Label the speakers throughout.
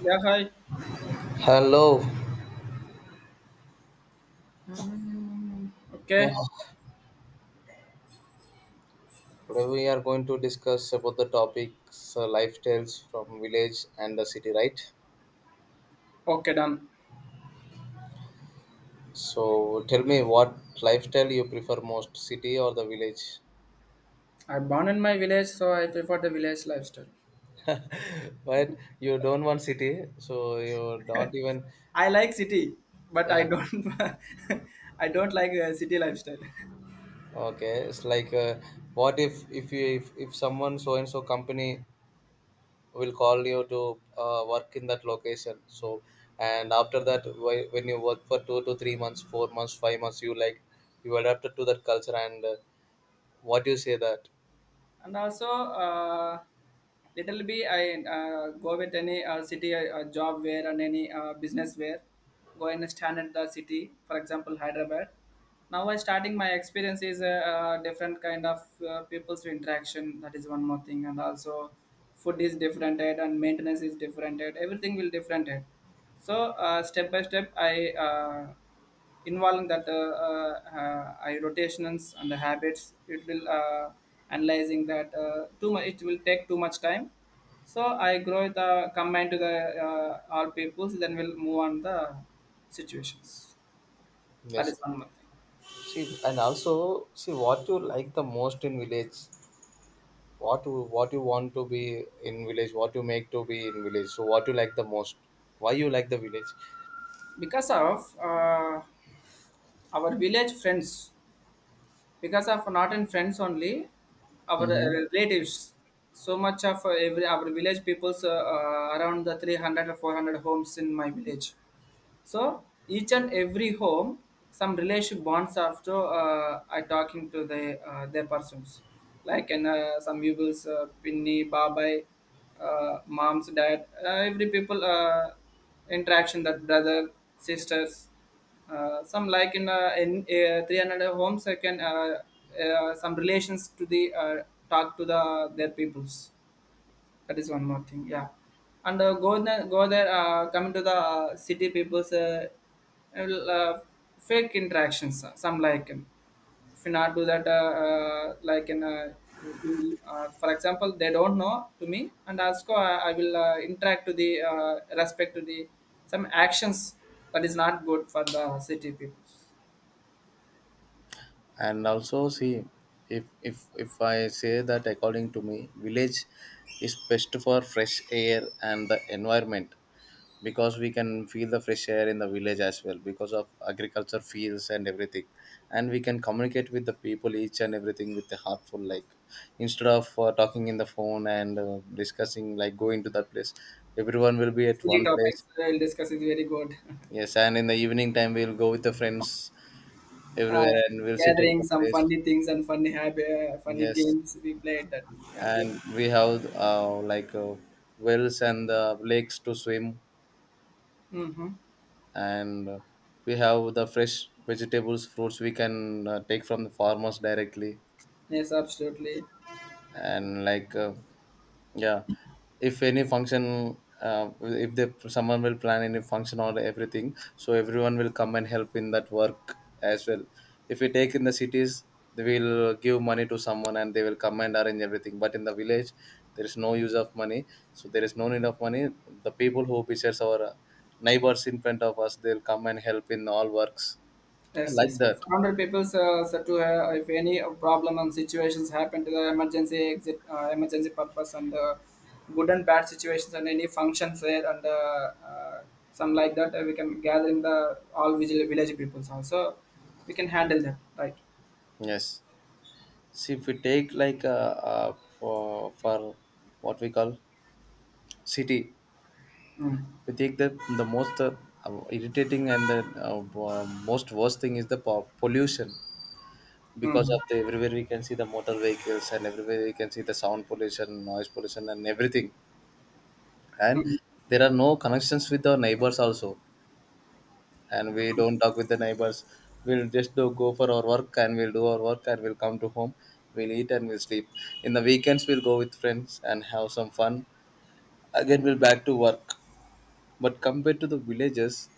Speaker 1: Yeah, hi.
Speaker 2: Hello. Yeah.
Speaker 1: Okay.
Speaker 2: Today we are going to discuss about the topics lifestyles from village and the city, right?
Speaker 1: Okay, done.
Speaker 2: So tell me what lifestyle you prefer most, city or the village?
Speaker 1: I born in my village, so I prefer the village lifestyle.
Speaker 2: But you don't want city, so you don't even.
Speaker 1: I like city, but I
Speaker 2: Yeah.
Speaker 1: don't. I don't like city lifestyle.
Speaker 2: Okay. It's like, what if you if someone so and so company will call you to work in that location. So and after that when you work for 2 to 3 months, 4 months, 5 months, you like you adapted to that culture and, what you say that.
Speaker 1: And also, little bit I, go with any city job where and any business where go and stand at the city, for example, Hyderabad. Now I starting my experience is different kind of people's interaction. That is one more thing. And also food is different and maintenance is different. Everything will different. So step by step I, uh, involving that rotations and the habits. It will, analyzing that too much. It will take too much time. So I grow the combine to the all peoples, then we'll move on the situations. That is
Speaker 2: Yes,
Speaker 1: one more thing.
Speaker 2: see, and also see what you like the most in village, what you want to be in village, what you make to be in village, so what you like the most, why you like the village.
Speaker 1: Because of our village friends. Because of not in friends only, our
Speaker 2: Mhm.
Speaker 1: relatives. So much of every our village peoples, around the 300 or 400 homes in my village. So each and every home, some relationship bonds after are talking to the their persons, like in some people's, pinny, babai, mom's dad, every people interaction, that brother, sisters, some like in 300 homes I can, some relations to the talk to the their peoples. That is one more thing, yeah. And go there, go there. Coming to the city people's will, fake interactions. Some like if you not do that, like in you for example, they don't know to me, and also I will interact to the respect to the some actions, that is not good for the city people.
Speaker 2: And also see, if I say that, according to me, village is best for fresh air and the environment, because we can feel the fresh air in the village as well because of agriculture fields and everything, and we can communicate with the people each and everything with the heartful, like instead of talking in the phone and discussing, like going to that place, everyone will be at
Speaker 1: City
Speaker 2: one
Speaker 1: topics
Speaker 2: place.
Speaker 1: we'll discuss is very good.
Speaker 2: Yes, and in the evening time we'll go with the friends
Speaker 1: uh,
Speaker 2: everywhere and we'll sit at
Speaker 1: Gathering
Speaker 2: one
Speaker 1: some
Speaker 2: place.
Speaker 1: funny things and funny funny
Speaker 2: Yes,
Speaker 1: games we played that. Yeah, good.
Speaker 2: and we have like wells and the lakes to swim,
Speaker 1: Mm-hmm.
Speaker 2: and we have the fresh vegetables, fruits, we can take from the farmers directly,
Speaker 1: Yes, absolutely.
Speaker 2: and like, yeah, if any function if they, someone will plan any function or everything, so everyone will come and help in that work as well. If we take in the cities, they will give money to someone and they will come and arrange everything, but in the village there is no use of money, so there is no need of money. The people who besides our neighbors in front of us, they'll come and help in all works. I
Speaker 1: Yes,
Speaker 2: like
Speaker 1: yes,
Speaker 2: that.
Speaker 1: surrounded people said to have if any problem and situations happen to the emergency exit, emergency purpose, and good and bad situations and any functions there, and some like that we can gather in the all village peoples also. We can handle that, right.
Speaker 2: Yes. See, if we take like, for what we call city,
Speaker 1: Mm-hmm.
Speaker 2: we take the most irritating and the most worst thing is the pollution, because
Speaker 1: Mm-hmm.
Speaker 2: of the everywhere we can see the motor vehicles, and everywhere we can see the sound pollution, noise pollution, and everything. And
Speaker 1: Mm-hmm.
Speaker 2: there are no connections with the neighbors also, and we don't talk with the neighbors. We'll just do go for our work and we'll do our work and we'll come to home. We'll eat and we'll sleep. In the weekends, we'll go with friends and have some fun. Again, we'll back to work. But compared to the villages,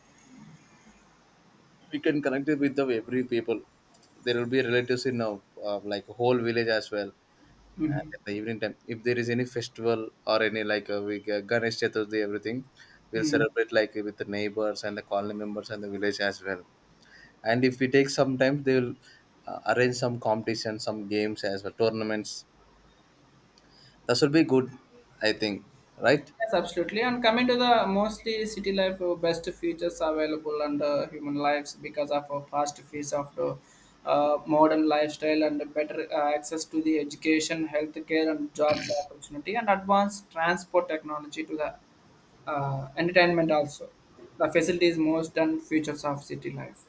Speaker 2: we can connect it with the every people. There will be relatives in now, like whole village as well. And
Speaker 1: Mm-hmm.
Speaker 2: at the evening time, if there is any festival or any, like we get Ganesh Chaturthi, everything, we'll
Speaker 1: Mm-hmm.
Speaker 2: celebrate like with the neighbors and the colony members and the village as well. And if we take some time, they will arrange some competition, some games as well, tournaments. That should be good, I think. Right?
Speaker 1: Yes, absolutely. And coming to the mostly city life, best features available under human lives because of a fast pace of the modern lifestyle and better access to the education, healthcare, and jobs opportunity, and advanced transport technology to the entertainment also. The facilities, most and features of city life,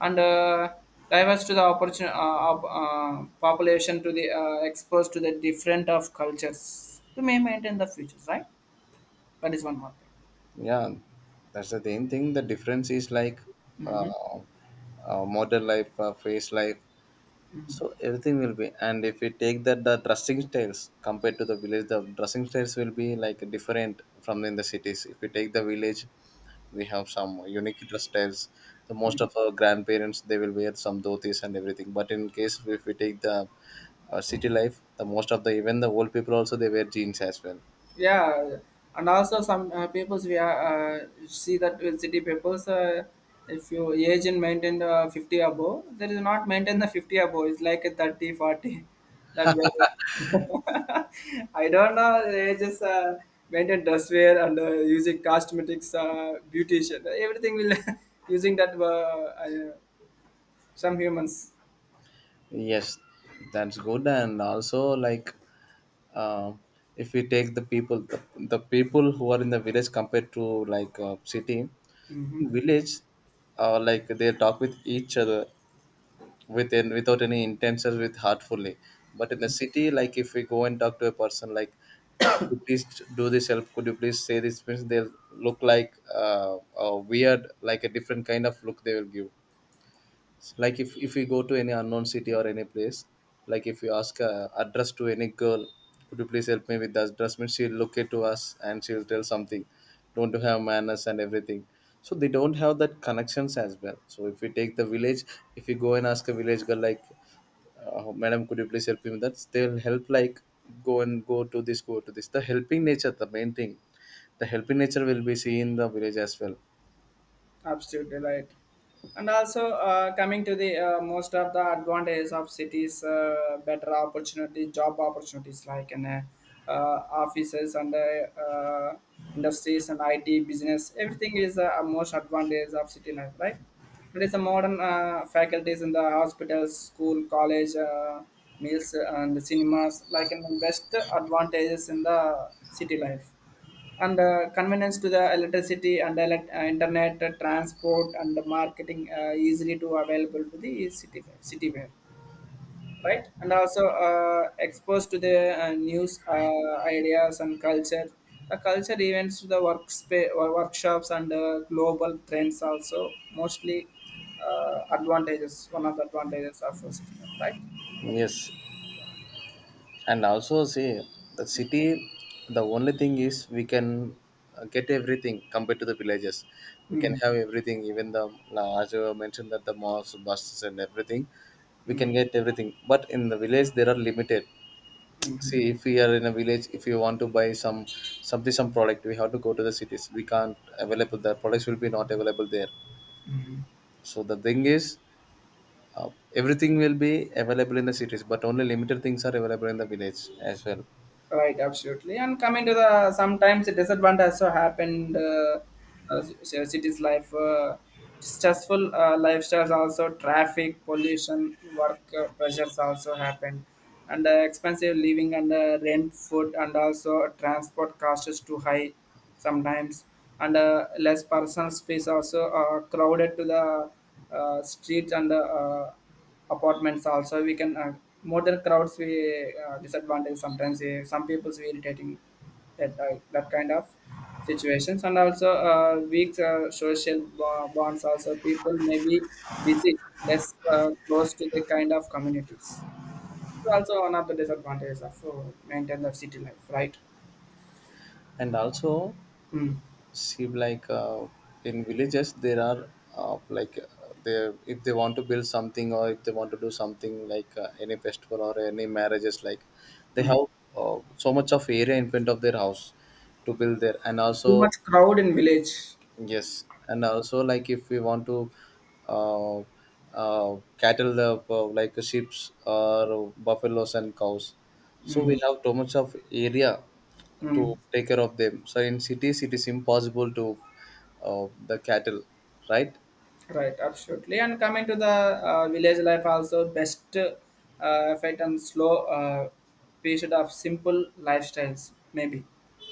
Speaker 1: and diverse to the opportunity, population to the exposed to the different of cultures to may maintain the futures, right? That is one more thing.
Speaker 2: Yeah, that's the main thing. The difference is like,
Speaker 1: Hmm.
Speaker 2: uh, modern life, phase life, so everything will be. And if we take that, the dressing styles compared to the village, the dressing styles will be like different from in the cities. If we take the village, we have some unique dress styles. The most of our grandparents, they will wear some dhotis and everything. But in case, if we take the city life, the most of the even the old people also, they wear jeans as well.
Speaker 1: Yeah, and also some peoples we are see that with city peoples, if you age and maintain 50 above, there is not maintain the 50 above. It's like a 30, 40. That way. I don't know. They just maintain dress wear and using cosmetics, beautician, everything will using that some humans.
Speaker 2: Yes, that's good. And also like, uh, if we take the people, the people who are in the village compared to like, city, in
Speaker 1: Hmm.
Speaker 2: village, like they talk with each other with without any intentions, with heartfully. But in the city, like if we go and talk to a person like, could you please do this help, could you please say this, means they'll look like, a weird, like a different kind of look they will give. Like if we go to any unknown city or any place, like if you ask address to any girl, could you please help me with the address, means she'll look at to us and she'll tell something, don't you have manners and everything. So they don't have that connections as well. So if we take the village, if you go and ask a village girl like, madam, could you please help me with that, they'll help, like, go and go to this, go to this, the helping nature, the main thing, the helping nature will be seen in the village as well.
Speaker 1: Absolutely right. And also coming to the most of the advantages of cities, better opportunity, job opportunities like in uh, offices and industries and IT business. Everything is a most advantage of city life, right? It is a modern faculties in the hospitals, school, college, meals and cinemas like in the best advantages in the city life, and convenience to the electricity and internet, transport and marketing easily to available to the city where, right. And also exposed to the news, ideas and culture, the culture events to the workspace or workshops and global trends also, mostly advantages, one of the advantages of a city life, right. That is-
Speaker 2: Yes. And also see, the city, the only thing is we can get everything compared to the villages. We
Speaker 1: yeah.
Speaker 2: can
Speaker 1: Mm,
Speaker 2: have everything, even the as you mentioned, that the malls, buses and everything, we
Speaker 1: mm,
Speaker 2: can get everything. But in the village there are limited. See,
Speaker 1: mhm,
Speaker 2: if we are in a village, if you want to buy some something, some product, we have to go to the cities. We can't available, the products will be not available there.
Speaker 1: mhm.
Speaker 2: So the thing is, uh, everything will be available in the cities, but only limited things are available in the village as well.
Speaker 1: Right, absolutely. And coming to the sometimes a disadvantage also happened. City's life, stressful lifestyles also, traffic, pollution, work pressures also happened, and expensive living and rent, food, and also transport costs is too high sometimes, and less personal space also crowded to the streets and apartments. Also we can more than crowds, we disadvantage sometimes. Some people's we irritating, that kind of situations, and also weak social bonds also. People may be busy, less close to the kind of communities. It's also one of the disadvantages of maintain the city life, right.
Speaker 2: And also,
Speaker 1: Mm.
Speaker 2: seem like, in villages there are, like they, if they want to build something or if they want to do something like, any festival or any marriages like, they
Speaker 1: Mm.
Speaker 2: have so much of area in front of their house to build there. And
Speaker 1: Too
Speaker 2: also,
Speaker 1: much crowd in village.
Speaker 2: yes, and also like, if we want to uh, cattle the, like sheeps or buffaloes and cows, so
Speaker 1: Mm-hmm.
Speaker 2: we have too much of area to take care of them. So in cities, it is impossible to the cattle, right?
Speaker 1: Right, absolutely. And coming to the village life, also best effect and slow period of simple lifestyles, maybe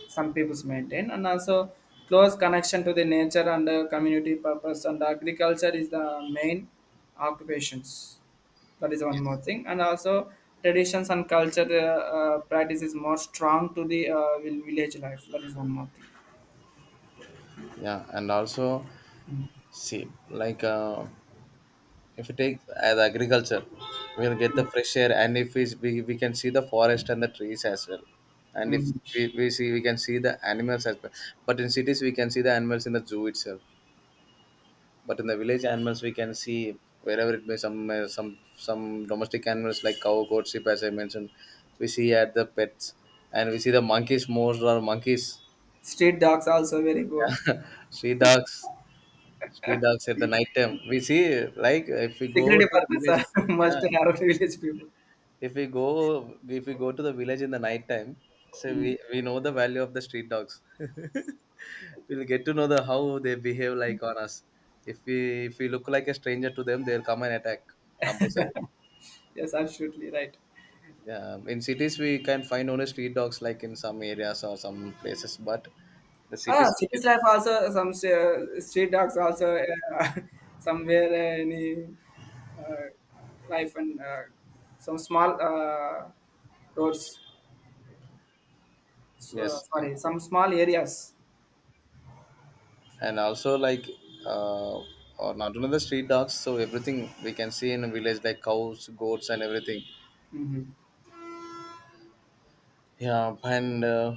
Speaker 1: some people's maintain, and also close connection to the nature and community purpose. And agriculture is the main occupations. That is one more thing. And also traditions and culture practice is more strong to the village life. That is one more thing.
Speaker 2: Yeah, and also
Speaker 1: Mm.
Speaker 2: see, like. If you take the agriculture, we'll get the fresh air, and if we, we can see the forest and the trees as well. And if
Speaker 1: Mm.
Speaker 2: we, we see, we can see the animals as well. But in cities, we can see the animals in the zoo itself. But in the village, animals we can see wherever it may, some domestic animals like cow, goat, sheep, as I mentioned, we see at the pets, and we see the monkeys most, or monkeys,
Speaker 1: Street dogs also very good.
Speaker 2: street dogs, street dogs at the night time. We see, like if we go
Speaker 1: Security
Speaker 2: to the
Speaker 1: purpose,
Speaker 2: village, yeah,
Speaker 1: must have village people.
Speaker 2: if we go, if we go to the village in the night time, so
Speaker 1: Mm.
Speaker 2: we know the value of the street dogs. We'll get to know the how they behave like on us. If we, if we look like a stranger to them, they'll come and attack, compulsory.
Speaker 1: Yes, absolutely right.
Speaker 2: Yeah, in cities we can find only street dogs like in some areas or some places, but the
Speaker 1: Ah,
Speaker 2: cities we
Speaker 1: city
Speaker 2: can,
Speaker 1: life also some street dogs also somewhere, any uh, life and some small roads. So,
Speaker 2: yes. and,
Speaker 1: sorry, some small areas.
Speaker 2: and also like, uh or not only the street dogs, so everything we can see in a village, like cows, goats and everything.
Speaker 1: Hmm.
Speaker 2: Yeah, and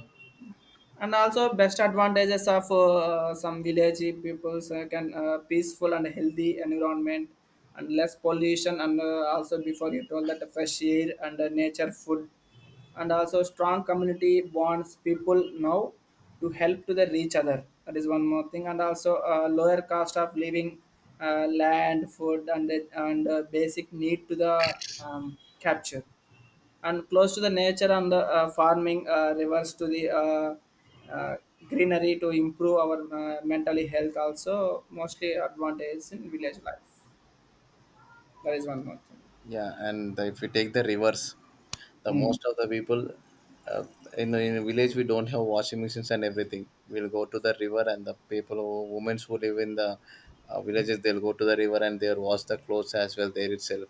Speaker 1: And also best advantages of some village peoples can, peaceful and healthy environment and less pollution, and also before you told that fresh air and nature food, and also strong community bonds people now to help to the each other. That is one more thing. And also lower cost of living, land food, and basic need to the capture, and close to the nature and the farming, rivers to the uh, greenery to improve our mentally health, also mostly advantage in village life. That is one more
Speaker 2: yeah, and the, if we take the reverse, the
Speaker 1: thing.
Speaker 2: most of the people uh, in a village, we don't have washing machines and everything. We'll go to the river, and the people, women who live in the villages, they'll go to the river and they'll wash the clothes as well there itself.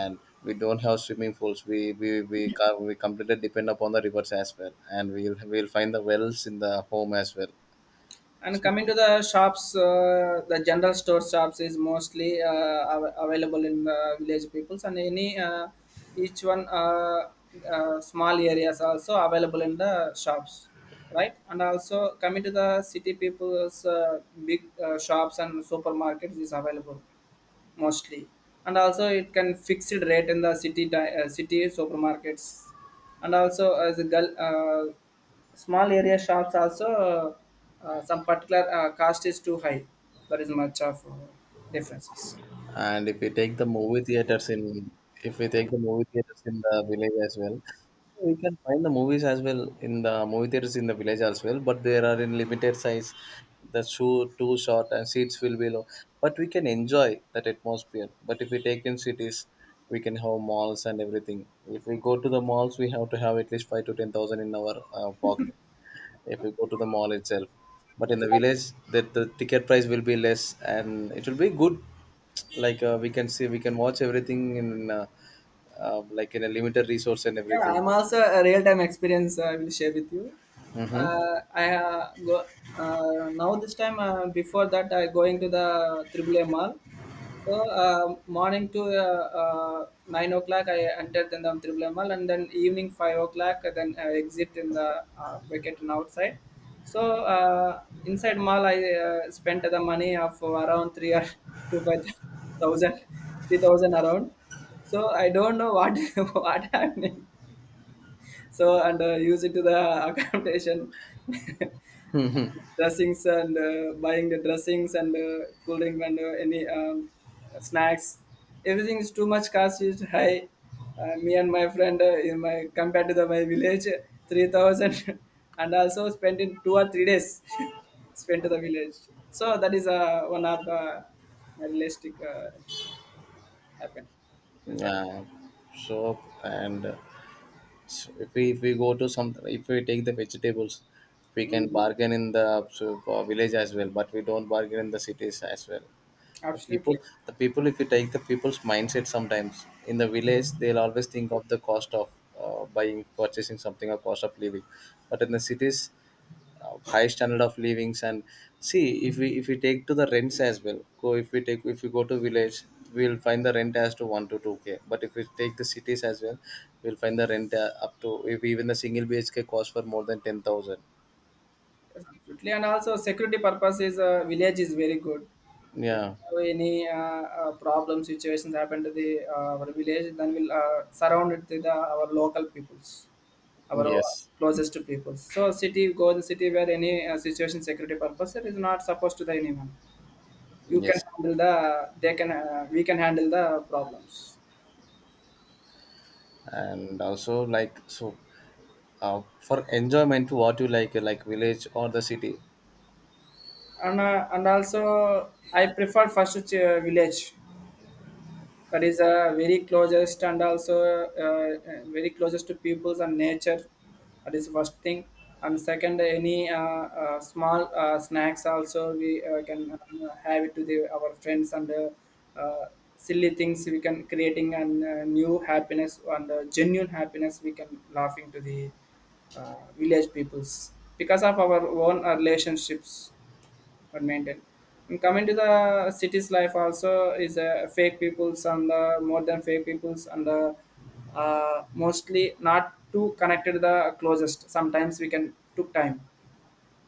Speaker 2: And we don't have swimming pools. We completely depend upon the rivers as well, and we'll find the wells in the home as well.
Speaker 1: And coming to the shops, the general store shops is mostly available in the village peoples, and any each one small areas also available in the shops, right? And also coming to the city people's big shops and supermarkets is available mostly, and also it can fixed rate in the city supermarkets, and also as a girl, small area shops also some particular cost is too high. There is much of differences.
Speaker 2: And if we take the movie theaters in, if we take the movie theaters in the village as well, we can find the movies as well in the movie theaters in the village as well, but they are in limited size, the show too short and seats will be low. But we can enjoy that atmosphere. But if we take in cities, we can have malls and everything. If we go to the malls, we have to have at least 5 to 10,000 in our pocket, if you go to the mall itself. But in the
Speaker 1: That's
Speaker 2: village, that the ticket price will be less, and it will be good. Like, we can see, we can watch everything in, like in a limited resource and
Speaker 1: Yeah,
Speaker 2: everything.
Speaker 1: I'm also a real-time experience. I will share with you.
Speaker 2: Mm-hmm.
Speaker 1: I, go, now this time. Before that, I going to the Triple A Mall. So morning to 9 o'clock, I entered in the Triple A Mall, and then evening 5 o'clock, then I exit in the wicket outside. So inside mall, I spent the money of around three or 2 5,000, 3,000 around. So I don't know what what happening. So and use it to the accommodation, dressings and buying the dressings and cool drink and any snacks. Everything is too much cost is high. Me and my friend, in my compared to the, my village, 3,000, and also spent in 2 or 3 days spent to the village. So that is one of the realistic happen. Is,
Speaker 2: Yeah. So and, so if we, if we go to some, if we take the vegetables, we can
Speaker 1: mm,
Speaker 2: bargain in the, so, village as well, but we don't bargain in the cities as well. The people,
Speaker 1: absolutely.
Speaker 2: the people, if you take the people's mindset, sometimes in the village they'll always think of the cost of buying, purchasing something, or cost of living. But in the cities, high standard of livings. And see, if we, if we take to the rents as well, go if we take, if we go to village, we'll find the rent as to 1 to 2K, but if we take the cities as well, we'll find the rent up to, if even the single bhk costs for more than 10,000.
Speaker 1: Absolutely, and also security purposes, village is very good. If you
Speaker 2: Yeah.
Speaker 1: have any problem situations happen to the our village, then we'll surround it with the, our local peoples, our o-
Speaker 2: Yes,
Speaker 1: closest to peoples. So city go the city where any situation security purpose it is not supposed to the anyone. You can
Speaker 2: yes.
Speaker 1: handle the they can we can handle the problems,
Speaker 2: And also like so, for enjoyment, what you like village or the city?
Speaker 1: and also I prefer first village. That is very closest, and also very closest to peoples and nature. That is first thing. And second, any small snacks also we, can, have it to the our friends, and uh, silly things we can creating, and new happiness and genuine happiness we can laughing to the village peoples because of our own relationships but maintain. And coming to the city's life also is fake peoples, and the more than fake peoples and the mostly not too connected the closest. Sometimes we can took time.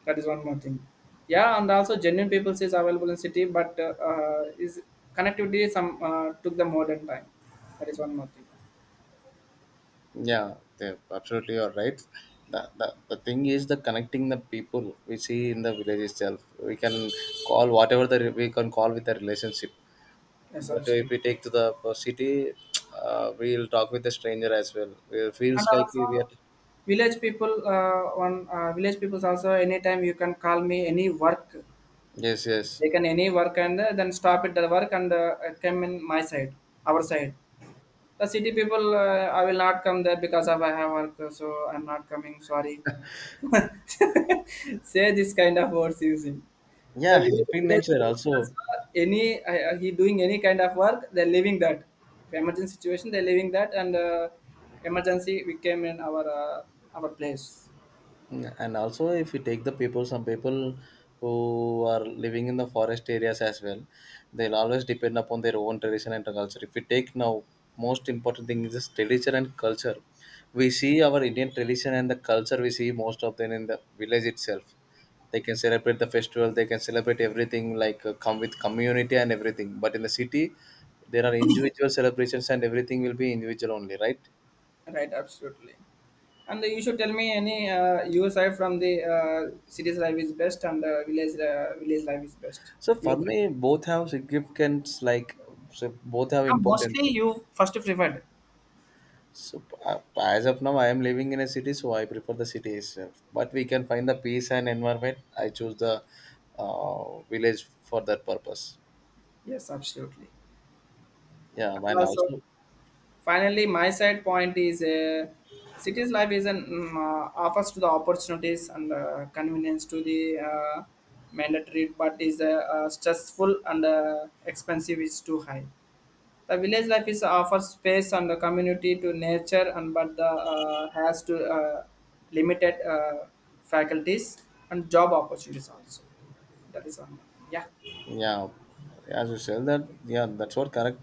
Speaker 1: That is one more thing. Yeah, and also genuine peoples is available in city, but is connectivity some took the modern time. That is one more thing.
Speaker 2: Yeah, they absolutely, you're right. The, the thing is, the connecting the people we see in the village itself, we can call whatever the we can call with the relationship.
Speaker 1: Yes,
Speaker 2: But if
Speaker 1: absolutely.
Speaker 2: we take to the city, we'll talk with the stranger as well, it
Speaker 1: And
Speaker 2: feels like we
Speaker 1: also
Speaker 2: are.
Speaker 1: village people, on village peoples also anytime you can call me any work.
Speaker 2: Yes, yes.
Speaker 1: They can any work and then stop it the work and come in my side, our side. The city people, I will not come there because of I have work, so I'm not coming. Sorry. Say this kind of words using. The
Speaker 2: Yeah,
Speaker 1: village,
Speaker 2: helping
Speaker 1: village
Speaker 2: nature
Speaker 1: people also,
Speaker 2: also.
Speaker 1: any he doing any kind of work, they're leaving that. If emergency situation, they're leaving that, and emergency we came in our place.
Speaker 2: Mm, and also, if you take the people, some people who are living in the forest areas as well, they'll always depend upon their own tradition and culture. If we take now, most important thing is this tradition and culture. We see our Indian tradition and the culture, we see most of them in the village itself. They can celebrate the festival, they can celebrate everything, like come with community and everything. But in the city, there are individual celebrations, and everything will be individual only, right?
Speaker 1: Right, absolutely. And you should tell me any, your side, from the city's life is best and the village life is best.
Speaker 2: So for
Speaker 1: You-
Speaker 2: me, both have significance. Like, so, both have
Speaker 1: Mostly
Speaker 2: importance.
Speaker 1: you first preferred.
Speaker 2: So as of now, I am living in a city, so I prefer the city itself. But we can find the peace and environment, I choose the village for that purpose.
Speaker 1: Yes, absolutely.
Speaker 2: Yeah,
Speaker 1: And
Speaker 2: and
Speaker 1: also,
Speaker 2: also,
Speaker 1: finally, my side point is city's life is an offers to the opportunities and convenience to the uh, mandatory, but is stressful and expensive is too high. The village life is offers space and the community to nature, and but the has to limited faculties and job opportunities also. That is one. Yeah.
Speaker 2: yeah, as you said that, yeah, that's what correct.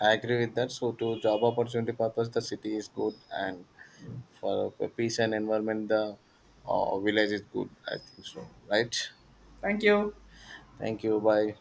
Speaker 2: I agree with that. So to job opportunity purpose, the city is good, and for peace and environment, the village is good, I think so. Right.
Speaker 1: Thank you.
Speaker 2: Thank you. Bye.